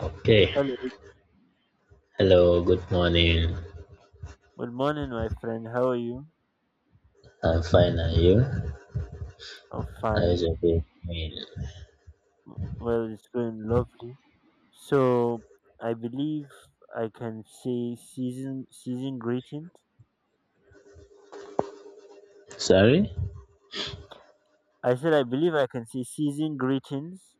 Okay. Hello. Hello, good morning. Good morning, my friend. How are you? I'm fine, and you? I'm How is your fine. day going? Well, it's going lovely. So, I believe I can say season greetings. Sorry? I said I believe I can say season greetings.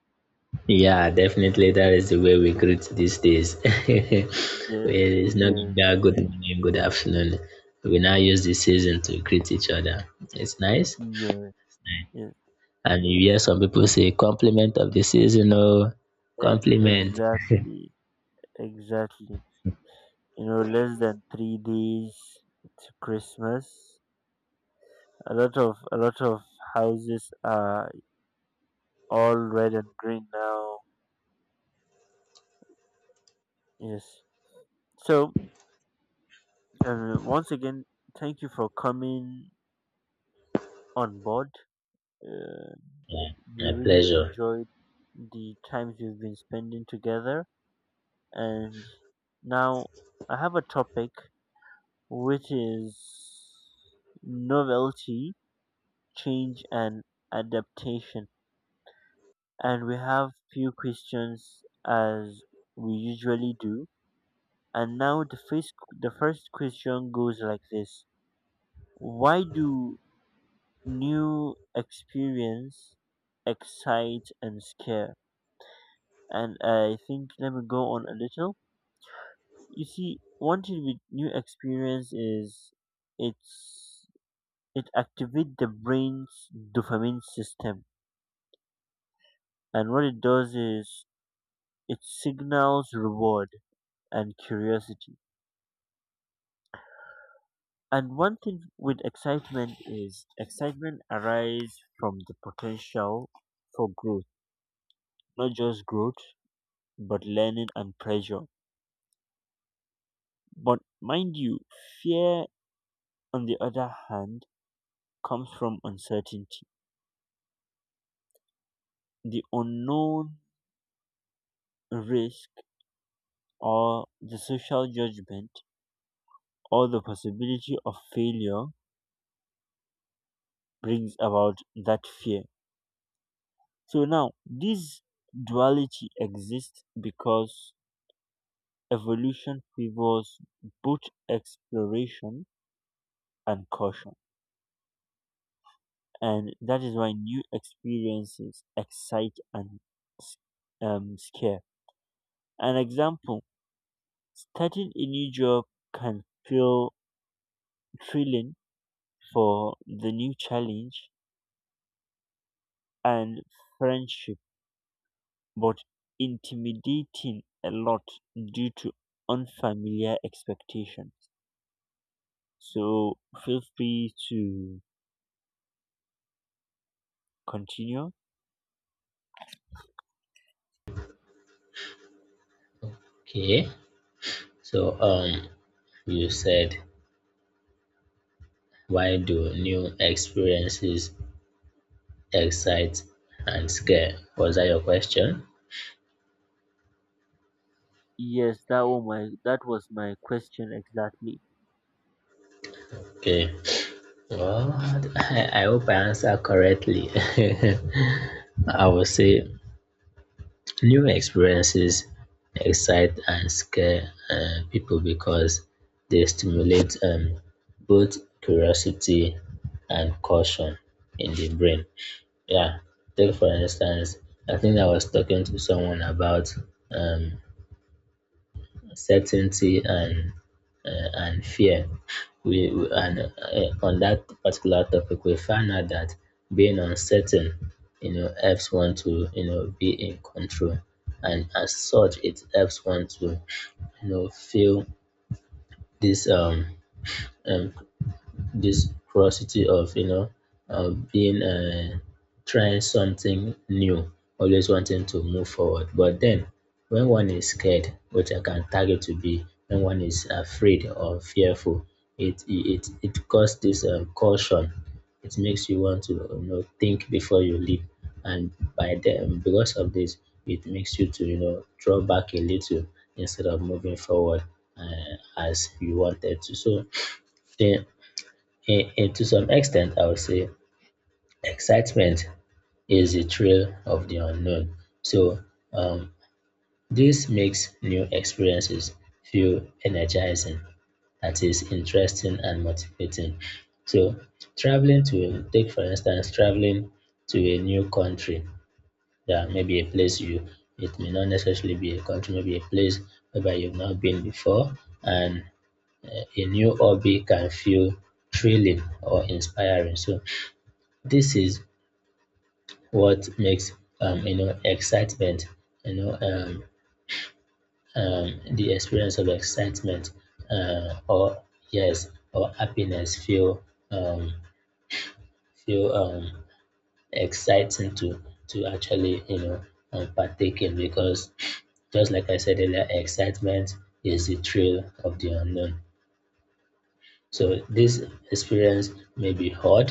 Yeah, definitely that is the way we greet these days. Well, Yes, it's not yes, that good morning, good afternoon. We now use the season to greet each other. It's nice. yes, Nice. yes. And you hear some people say compliment of the season, oh, compliment. Exactly, exactly. Less than 3 days to Christmas. A lot of houses are all red and green now. Yes. So And once again, thank you for coming on board. Uh, Yeah, we my really pleasure. enjoyed the times we've been spending together. And now I have a topic which is novelty, change, and adaptation. And we have few questions as we usually do. And now the first question goes like this: Why do new experience excite and scare? And I think let me go on a little. You see, one thing with new experience is it's it activates the brain's dopamine system. And what it does is it signals reward and curiosity. And one thing with excitement is excitement arises from the potential for growth, not just growth, but learning and pleasure. But mind you, fear, on the other hand, comes from uncertainty, the unknown risk, or the social judgment, or the possibility of failure brings about that fear. So now, this duality exists because evolution favors both exploration and caution. And that is why new experiences excite and scare. An example. Starting a new job can feel thrilling for the new challenge and friendship, but intimidating a lot due to unfamiliar expectations. So feel free to continue. Okay. So you said why do new experiences excite and scare, was that your question? Yes, that was my question exactly. Okay, well, I hope I answer correctly. I would say new experiences excite and scare people because they stimulate both curiosity and caution in the brain, yeah. Take for instance, I think I was talking to someone about um certainty and fear. And on that particular topic, we found out that being uncertain, you know, helps one to you know be in control, and as such, it helps one to you know feel this um this curiosity of you know of being trying something new, always wanting to move forward. But then when one is scared, which I can target to be when one is afraid or fearful, it causes this caution. It makes you want to you know think before you leap, and by then, because of this, it makes you to you know draw back a little instead of moving forward as you wanted to. So then, in to some extent, I would say excitement is the thrill of the unknown. So um, this makes new experiences feel energizing, that is interesting and motivating. So traveling, to take for instance traveling to a new country, yeah, maybe a place you, it may not necessarily be a country, maybe a place whereby you've not been before, and a new hobby can feel thrilling or inspiring. So this is what makes you know excitement you know um, the experience of excitement or yes or happiness feel um, feel um, exciting to actually you know partake in, because just like I said earlier, excitement is the thrill of the unknown. So this experience may be hard,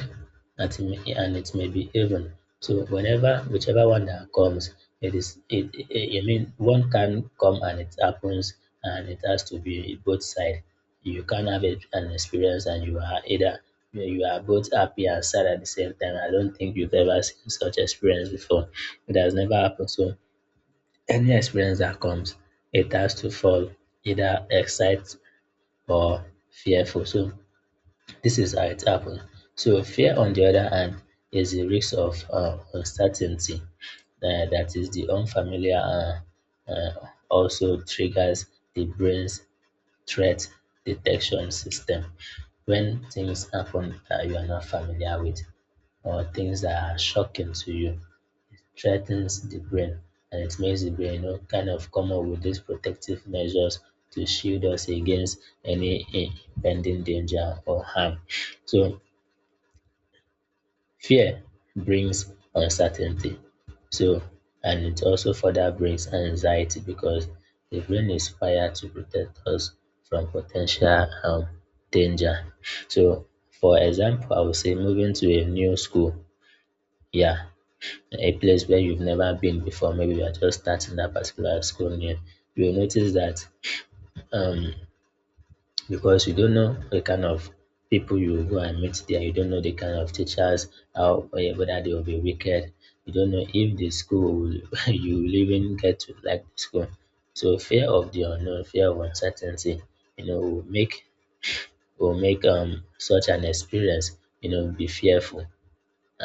that may, and it may be even. So whenever whichever one that comes, it is it, it. I mean, one can come and it happens, and it has to be both side. You can have it, an experience, and you are either, you are both happy and sad at the same time. I don't think you've ever seen such experience before. It has never happened. So any experience that comes, it has to fall either excited or fearful. So this is how it happens. So fear, on the other hand, is the risk of uncertainty. That is the unfamiliar also triggers the brain's threat detection system. When things happen that you are not familiar with or things that are shocking to you, threatens the brain, and it makes the brain you know, kind of come up with these protective measures to shield us against any impending danger or harm. So fear brings uncertainty, so, and it also further brings anxiety because the brain is wired to protect us from potential danger. So for example, I would say moving to a new school, yeah, a place where you've never been before, maybe you are just starting that particular school new. You will notice that um because you don't know the kind of people you go and meet there. You don't know the kind of teachers, how, eh, whether they will be wicked. You don't know if the school will, you will even get to like the school. So fear of the unknown, fear of uncertainty, you know, will make, will make such an experience, you know, be fearful.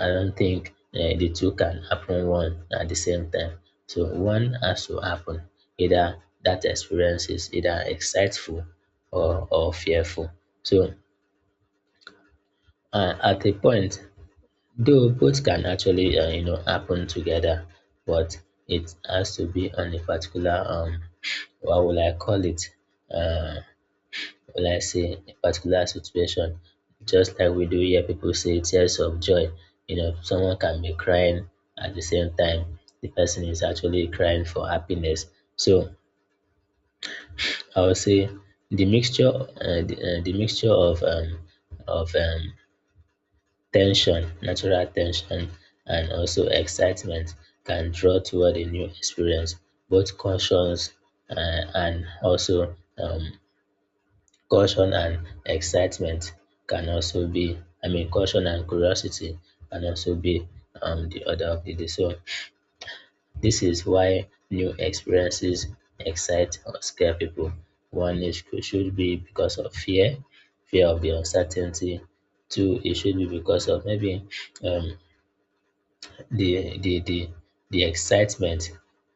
I don't think the two can happen one at the same time. So one has to happen. Either that experience is either exciteful or fearful. So at a point, though both can actually you know happen together, but it has to be on a particular um, what will I call it? Uh, will I say, a particular situation. Just like we do hear people say tears of joy. You know, someone can be crying, at the same time, the person is actually crying for happiness. So I would say the mixture, the mixture of of um, tension, natural tension, and also excitement can draw toward a new experience, both conscious uh, and also caution and excitement can also be, I mean, caution and curiosity can also be the order of the day. So this is why new experiences excite or scare people. One, it should be because of fear, fear of the uncertainty. Two, it should be because of maybe um, the the excitement,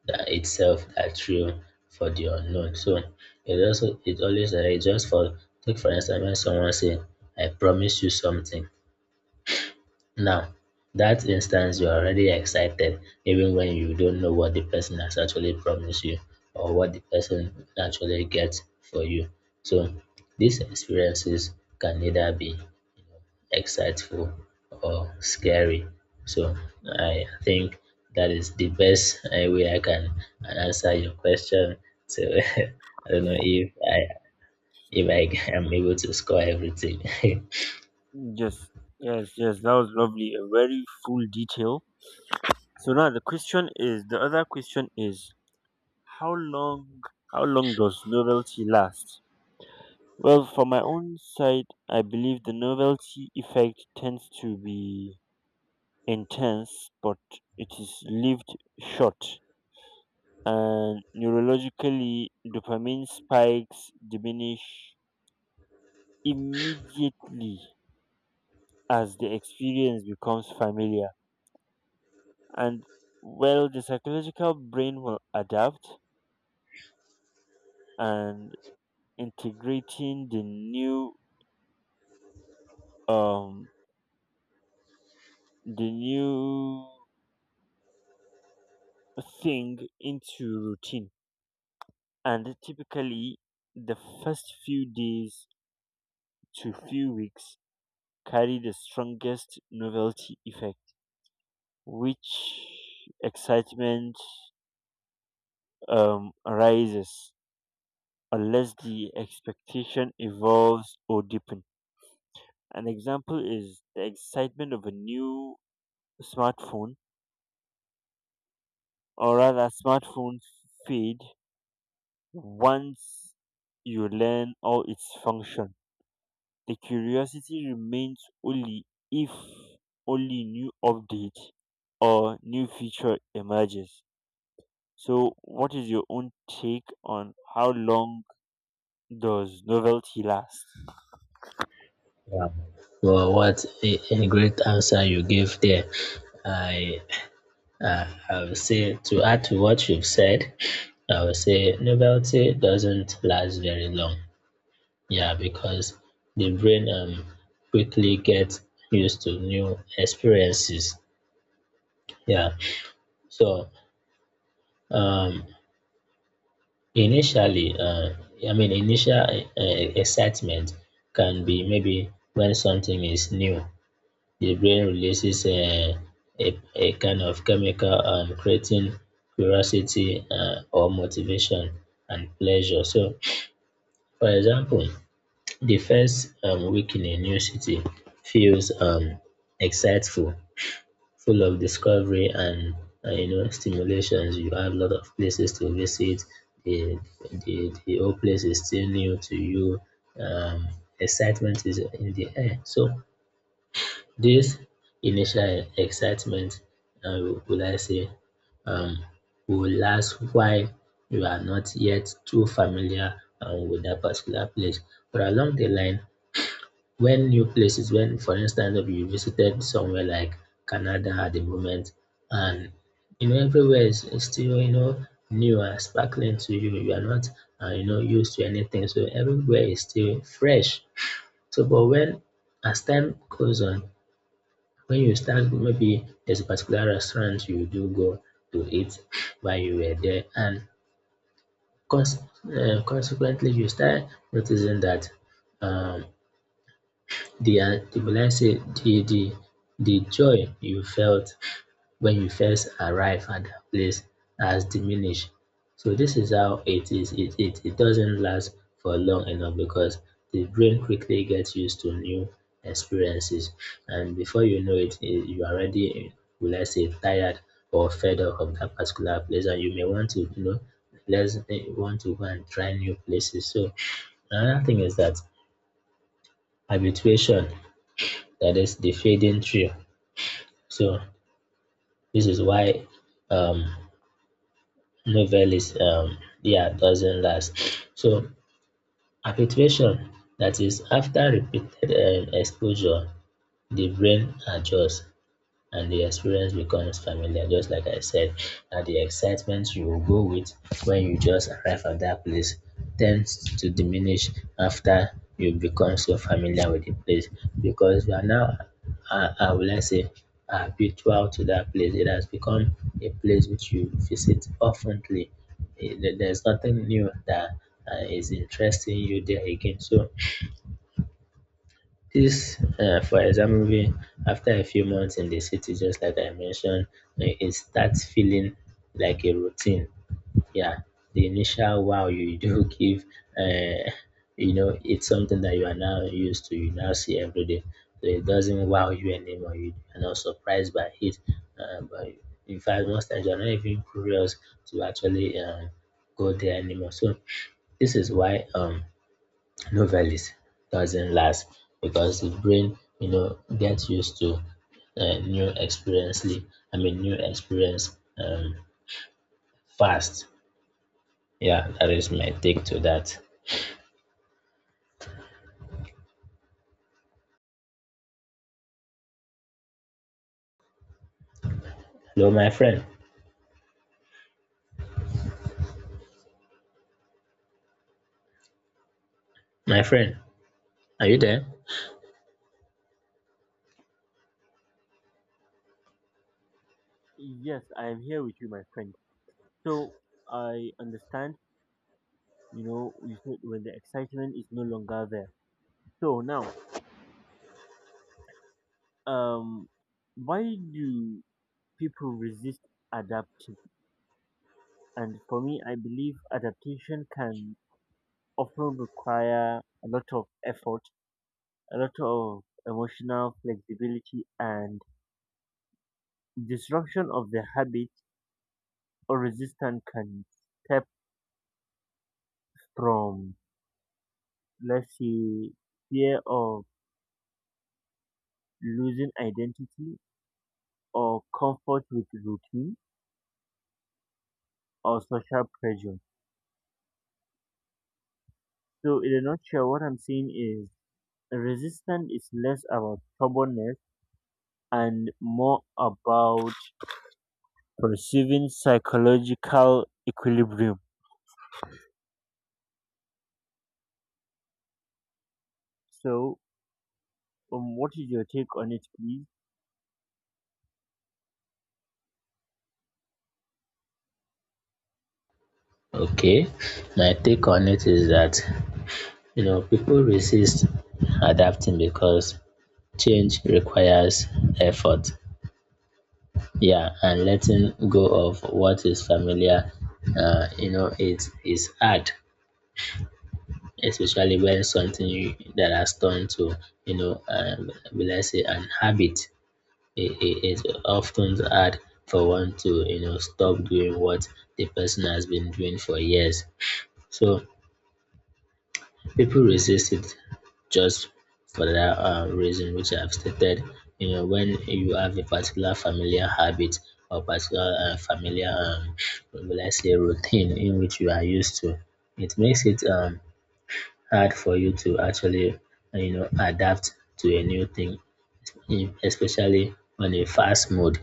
that itself, that thrill for the unknown. So it also, it always just for, take for instance when someone say I promise you something. Now that instance you're already excited even when you don't know what the person has actually promised you or what the person actually gets for you. So these experiences can either be exciteful or scary. So I think that is the best way I can answer your question. So I don't know if I, if I am able to score everything. Yeah. Yes, yes, yes. That was lovely. A very full detail. So now the question is the other question is how long how long does novelty last? Well, for my own side, I believe the novelty effect tends to be intense, but it is lived short. And neurologically, dopamine spikes diminish immediately as the experience becomes familiar. And well, the psychological brain will adapt and integrating um the new thing into routine and typically the first few days to few weeks carry the strongest novelty effect, which excitement rises unless the expectation evolves or deepens. An example is the excitement of a new smartphone, or rather, smartphones fade once you learn all its functions. The curiosity remains only if only new update or new feature emerges. So what is your own take on how long does novelty last? Well, what a great answer you gave there. I I would say to add to what you've said, I would say novelty doesn't last very long. Yeah, because the brain quickly gets used to new experiences. Yeah. So um initially I mean initial excitement can be maybe when something is new. The brain releases a kind of chemical creating curiosity or motivation and pleasure. So for example, the first week in a new city feels exciteful, full of discovery and you know stimulations. You have a lot of places to visit. The the whole place is still new to you. Um, Excitement is in the air. So this initial excitement, uh, will I say, um, will last while you are not yet too familiar with that particular place. But along the line, when new places, when for instance if you visited somewhere like Canada at the moment, and you know everywhere is still you know new and sparkling to you, you are not you know used to anything, so everywhere is still fresh. So but when as time goes on, when you start, maybe there's a particular restaurant you do go to eat while you were there, and cons- consequently you start noticing that um, the the, be I say, the the joy you felt when you first arrived at that place has diminished. So this is how it is. It doesn't last for long enough because the brain quickly gets used to new experiences, and before you know it, eh, you are already, will I say tired or fed up of that particular place, and you may want to you know, let's eh, want to go and try new places. So another thing is that habituation, that is the fading trio. So this is why um, novelist yeah doesn't last. So habituation, that is after repeated exposure, the brain adjusts and the experience becomes familiar. Just like I said, that the excitement you will go with when you just arrive at that place tends to diminish after you become so familiar with the place, because you are now, will I say, habitual to that place. It has become a place which you visit oftenly. There's nothing new that is interesting you there again. So this, for example, after a few months in the city, just like I mentioned, eh, it starts feeling like a routine. Yeah, the initial wow you do give, uh, you know, it's something that you are now used to. You now see every day, so it doesn't wow you anymore. You are not surprised by it. But in fact, most times you are not even curious to actually go there anymore. So this is why novelist doesn't last because the brain gets used to new experience. I mean new experience fast. Yeah, that is my take to that. Hello, my friend. My friend, are you there? Yes, I am here with you, my friend. So I understand, you know, you said when the excitement is no longer there. So now, um, why do people resist adapting? And for me, I believe adaptation can often require a lot of effort, a lot of emotional flexibility, and disruption of the habit or resistance can step from, let's say, fear of losing identity or comfort with routine or social pressure. So, in a nutshell, what I'm saying is resistance is less about stubbornness and more about perceiving psychological equilibrium. So, what is your take on it, please? Okay, my take on it is that people resist adapting because change requires effort, yeah, and letting go of what is familiar. You know, it is hard especially when something you, that has turned to, let's say, an habit. i- i- Often hard for one to, you know, stop doing what the person has been doing for years. So people resist it just for that reason which I've stated. You know, when you have a particular familiar habit or particular familiar, let's say, routine in which you are used to, it makes it, hard for you to actually, you know, adapt to a new thing, especially on a fast mode.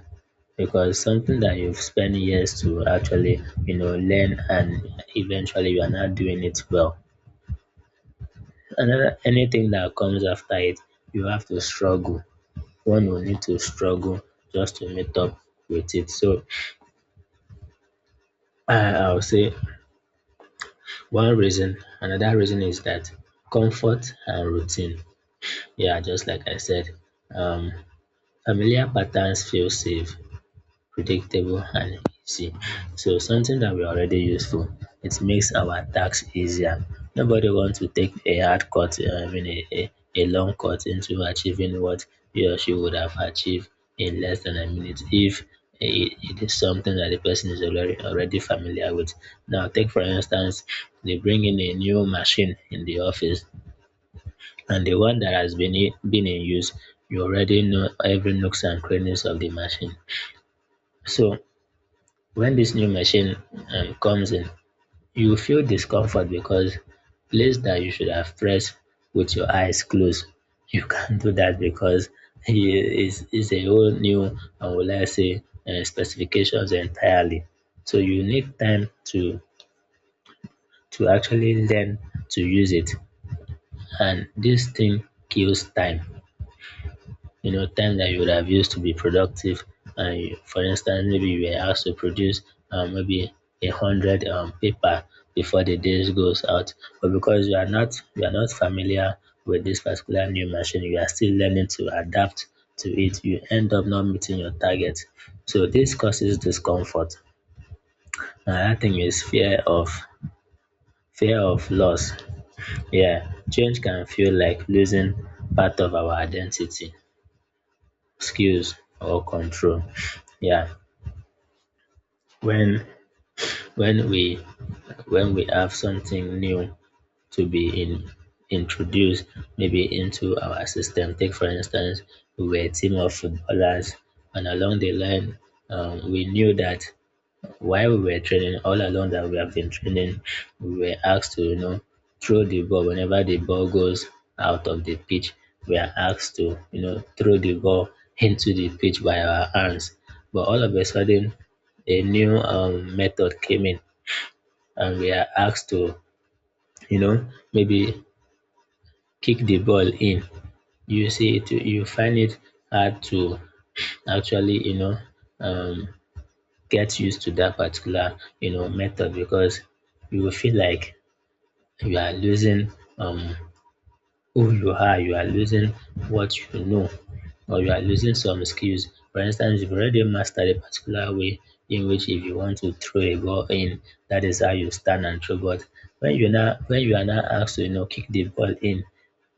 Because something that you've spent years to actually, you know, learn and eventually you are not doing it well. Another anything that comes after it, you have to struggle. One will need to struggle just to meet up with it. So I'll say one reason, another reason is that comfort and routine. Yeah, just like I said, um, familiar patterns feel safe, predictable, and easy. So something that we already used to. It makes our tasks easier. Nobody wants to take a hard cut, I mean a, a long cut into achieving what he or she would have achieved in less than a minute if it is something that the person is already familiar with. Now take for instance, they bring in a new machine in the office and the one that has been, been in use, you already know every nooks and crannies of the machine. So when this new machine, comes in, you feel discomfort because place that you should have pressed with your eyes closed, you can't do that because it is a whole new, I would like say, specifications entirely. So you need time to actually learn to use it, and this thing kills time, you know, time that you would have used to be productive. For instance, maybe you were asked to produce, maybe, a hundred paper before the day goes out, but because you are not familiar with this particular new machine, you are still learning to adapt to it. You end up not meeting your target, so this causes discomfort. Another thing is fear of loss. Yeah, change can feel like losing part of our identity, skills, or control. Yeah, when when we when we have something new to introduced, maybe into our system. Take for instance, we were a team of footballers, and along the line, we knew that while we were training, all along that we have been training, we were asked to, you know, throw the ball. Whenever the ball goes out of the pitch, we are asked to, you know, throw the ball into the pitch by our hands. But all of a sudden, a new, method came in, and we are asked to, you know, maybe, kick the ball in. You see, you find it hard to actually, you know, um, get used to that particular, you know, method because you will feel like you are losing, um who you are, you are losing what you know, or you are losing some skills. For instance, you've already mastered a particular way in which if you want to throw a ball in, that is how you stand and throw. But when you are now asked to, you know, kick the ball in,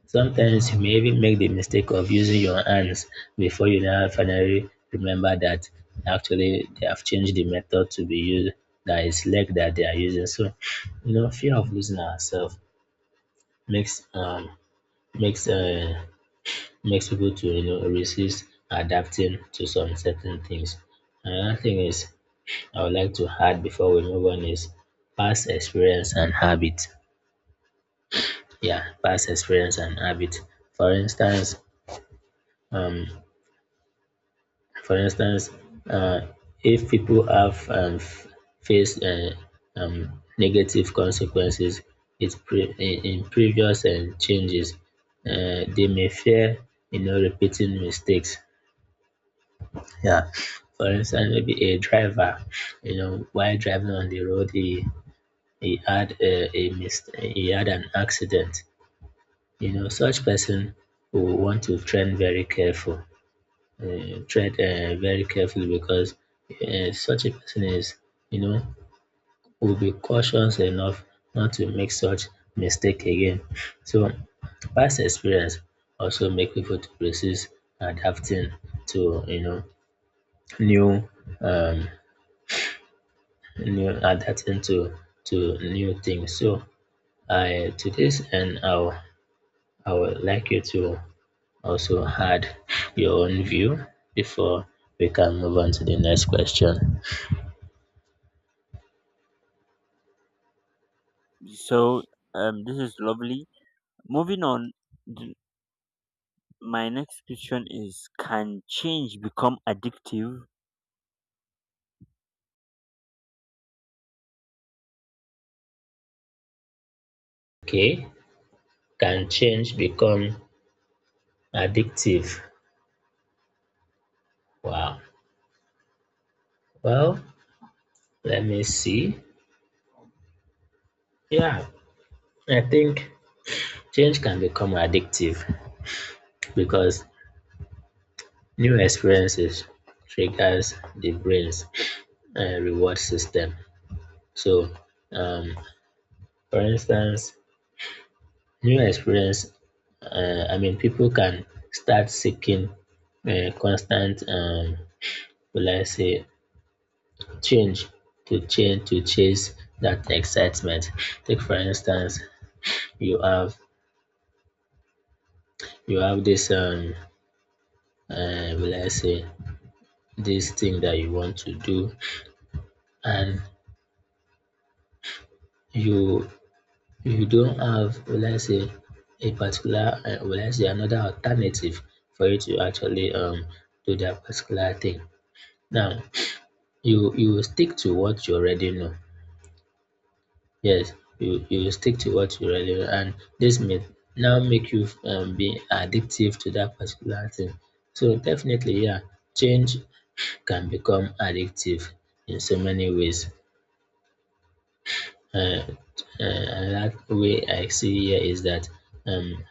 sometimes you may even make the mistake of using your hands before you now finally remember that actually they have changed the method to be used, that is leg that they are using. So, you know, fear of losing ourselves makes um makes uh makes people to, you know, resist adapting to some certain things. Another thing is I would like to add before we move on is past experience and habit. Yeah, past experience and habit. For instance, um for instance, uh, if people have faced, negative consequences in previous changes, they may fear, you know, repeating mistakes. Yeah. For instance, maybe a driver, you know, while driving on the road, he had a mis- he had an accident. You know, such person will want to train very careful, tread very carefully because, such a person is, you know, will be cautious enough not to make such mistake again. So past experience also make people to resist adapting to, you know, new, um new adapting to new things. So I to this and I will- I would like you to also add your own view before we can move on to the next question. So, this is lovely. Moving on, th- my next question is: Can change become addictive? Okay, can change become addictive? Wow. Well, let me see. Yeah, I think change can become addictive because new experiences triggers the brain's reward system. So, um for instance, new experience I mean people can start seeking constant, will I say change, to chase that excitement. Take for instance, you have you have this will I say this thing that you want to do, and you you don't have, will I say a particular, will I say another alternative for you to actually do that particular thing. Now you will stick to what you already know. Yes, you stick to what you really want, and this may now make you, be addictive to that particular thing. So definitely, yeah, change can become addictive in so many ways. uh, Another way I see here is that, um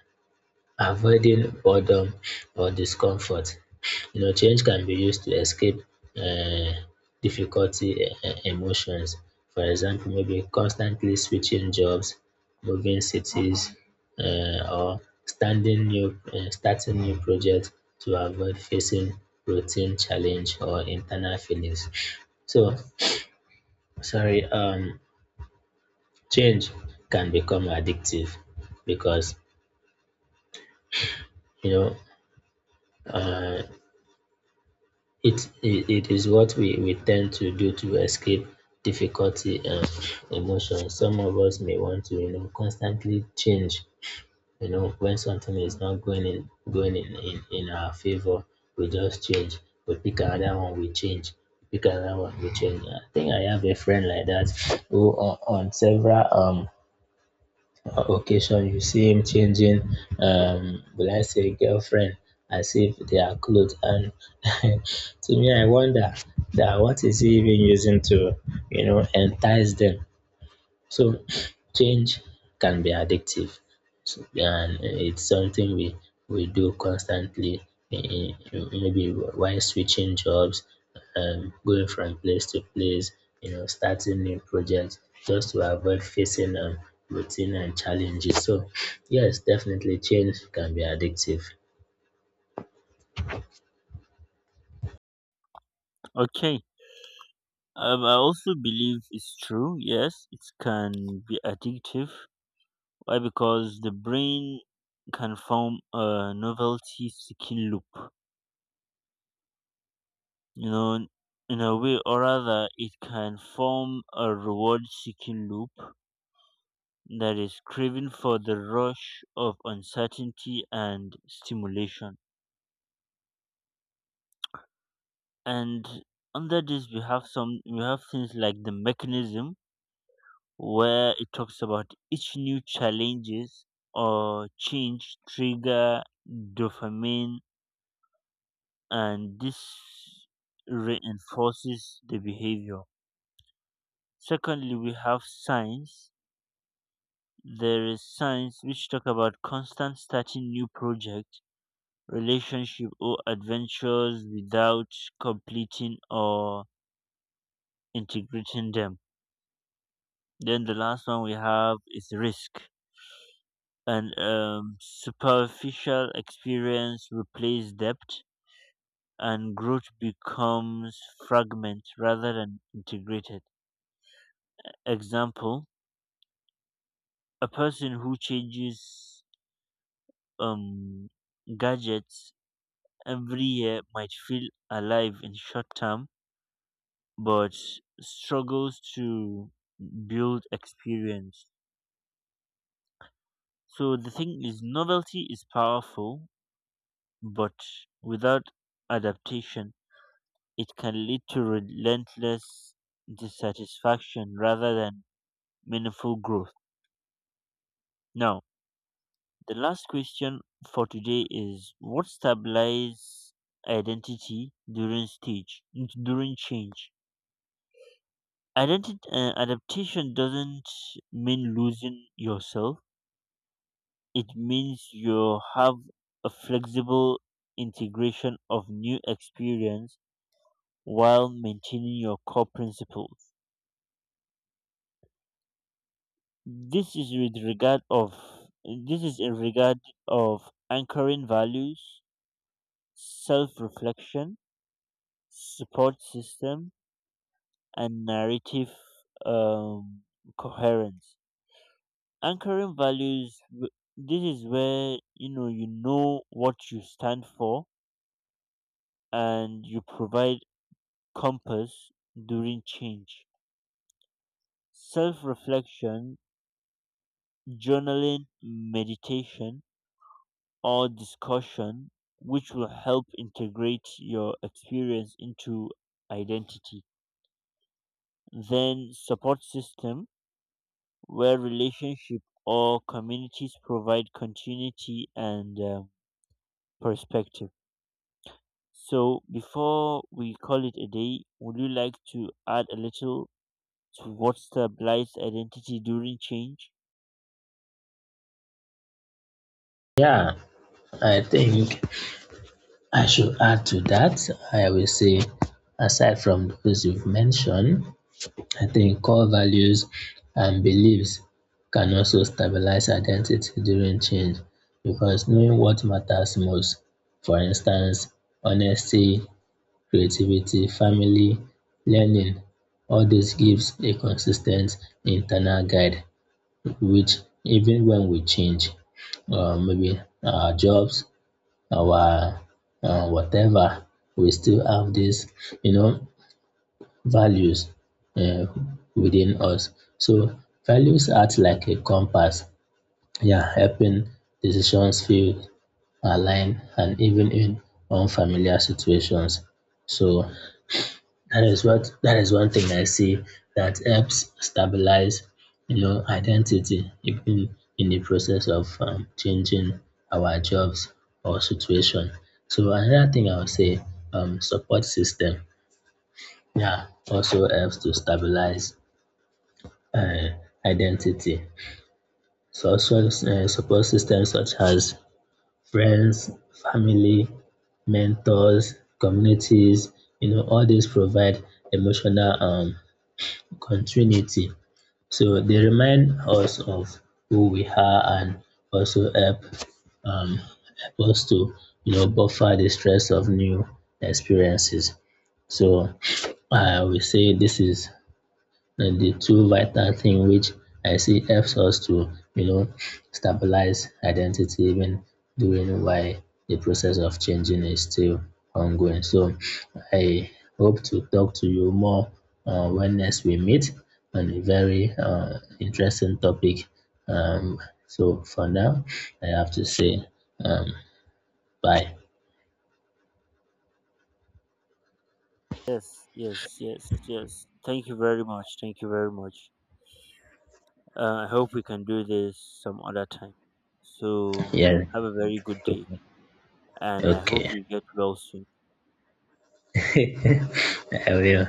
avoiding boredom or discomfort. You know, change can be used to escape uh, difficulty emotions. For example, maybe constantly switching jobs, moving cities, or standing new, starting new projects to avoid facing routine challenge or internal feelings. So, sorry, change can become addictive because, you know, uh, it is what we tend to do to escape difficulty and emotions. Some of us may want to, you know, constantly change. You know, when something is not going in our favor, we just change. We pick another one, we change. We pick another one, we change. I think I have a friend like that who on several occasion you see him changing, will I say girlfriend, as if they are clothes, and to me I wonder that what is he even using to, you know, entice them. So change can be addictive, and it's something we do constantly, maybe while switching jobs, going from place to place, you know, starting new projects just to avoid facing, routine and challenges. So, yes, definitely change can be addictive. Okay. I also believe it's true. Yes, it can be addictive. Why? Because the brain can form a novelty seeking loop. You know, in a way, or rather it can form a reward seeking loop, that is craving for the rush of uncertainty and stimulation. And under this we have some, we have things like the mechanism where it talks about each new challenges or change trigger dopamine, and this reinforces the behavior. Secondly, we have signs. There is science which talk about constant starting new projects, relationship or adventures without completing or integrating them. Then the last one we have is risk and superficial experience replace depth and growth becomes fragment rather than integrated. Example, a person who changes um, gadgets every year might feel alive in short term, but struggles to build experience. So the thing is, novelty is powerful, but without adaptation, it can lead to relentless dissatisfaction rather than meaningful growth. Now, the last question for today is: what stabilizes identity during stage, during change? Adaptation doesn't mean losing yourself. It means you have a flexible integration of new experience while maintaining your core principles. This is with regard of this is in regard of anchoring values, self-reflection, support system, and narrative um, coherence. Anchoring values this is where you know what you stand for and you provide compass during change. Self-reflection, journaling, meditation, or discussion which will help integrate your experience into identity. Then support system where relationship or communities provide continuity and perspective. So before we call it a day, would you like to add a little to what's the blights identity during change? Yeah, I think I should add to that. I will say, aside from those you've mentioned, I think core values and beliefs can also stabilize identity during change because knowing what matters most, for instance, honesty, creativity, family, learning, all this gives a consistent internal guide which, even when we change, maybe our jobs, our, whatever, we still have this, you know, values, uh, within us. So values act like a compass, yeah, helping decisions feel aligned and even in unfamiliar situations. So that is one thing I see that helps stabilize, you know, identity even in the process of, changing our jobs or situation. So another thing I would say, support system, yeah, also helps to stabilize uh, identity. Social support systems such as friends, family, mentors, communities, you know, all these provide emotional, continuity. So they remind us of who we are and also help, help us to, you know, buffer the stress of new experiences. So I will say this is and the two vital thing which I see helps us to, you know, stabilize identity even during why the process of changing is still ongoing. So I hope to talk to you more, when next we meet on a very, interesting topic. Um, so for now, I have to say, um, bye. Yes, yes, yes, yes. Thank you very much. Thank you very much. I hope we can do this some other time. So Yeah, have a very good day and I hope okay. you get well soon. I will.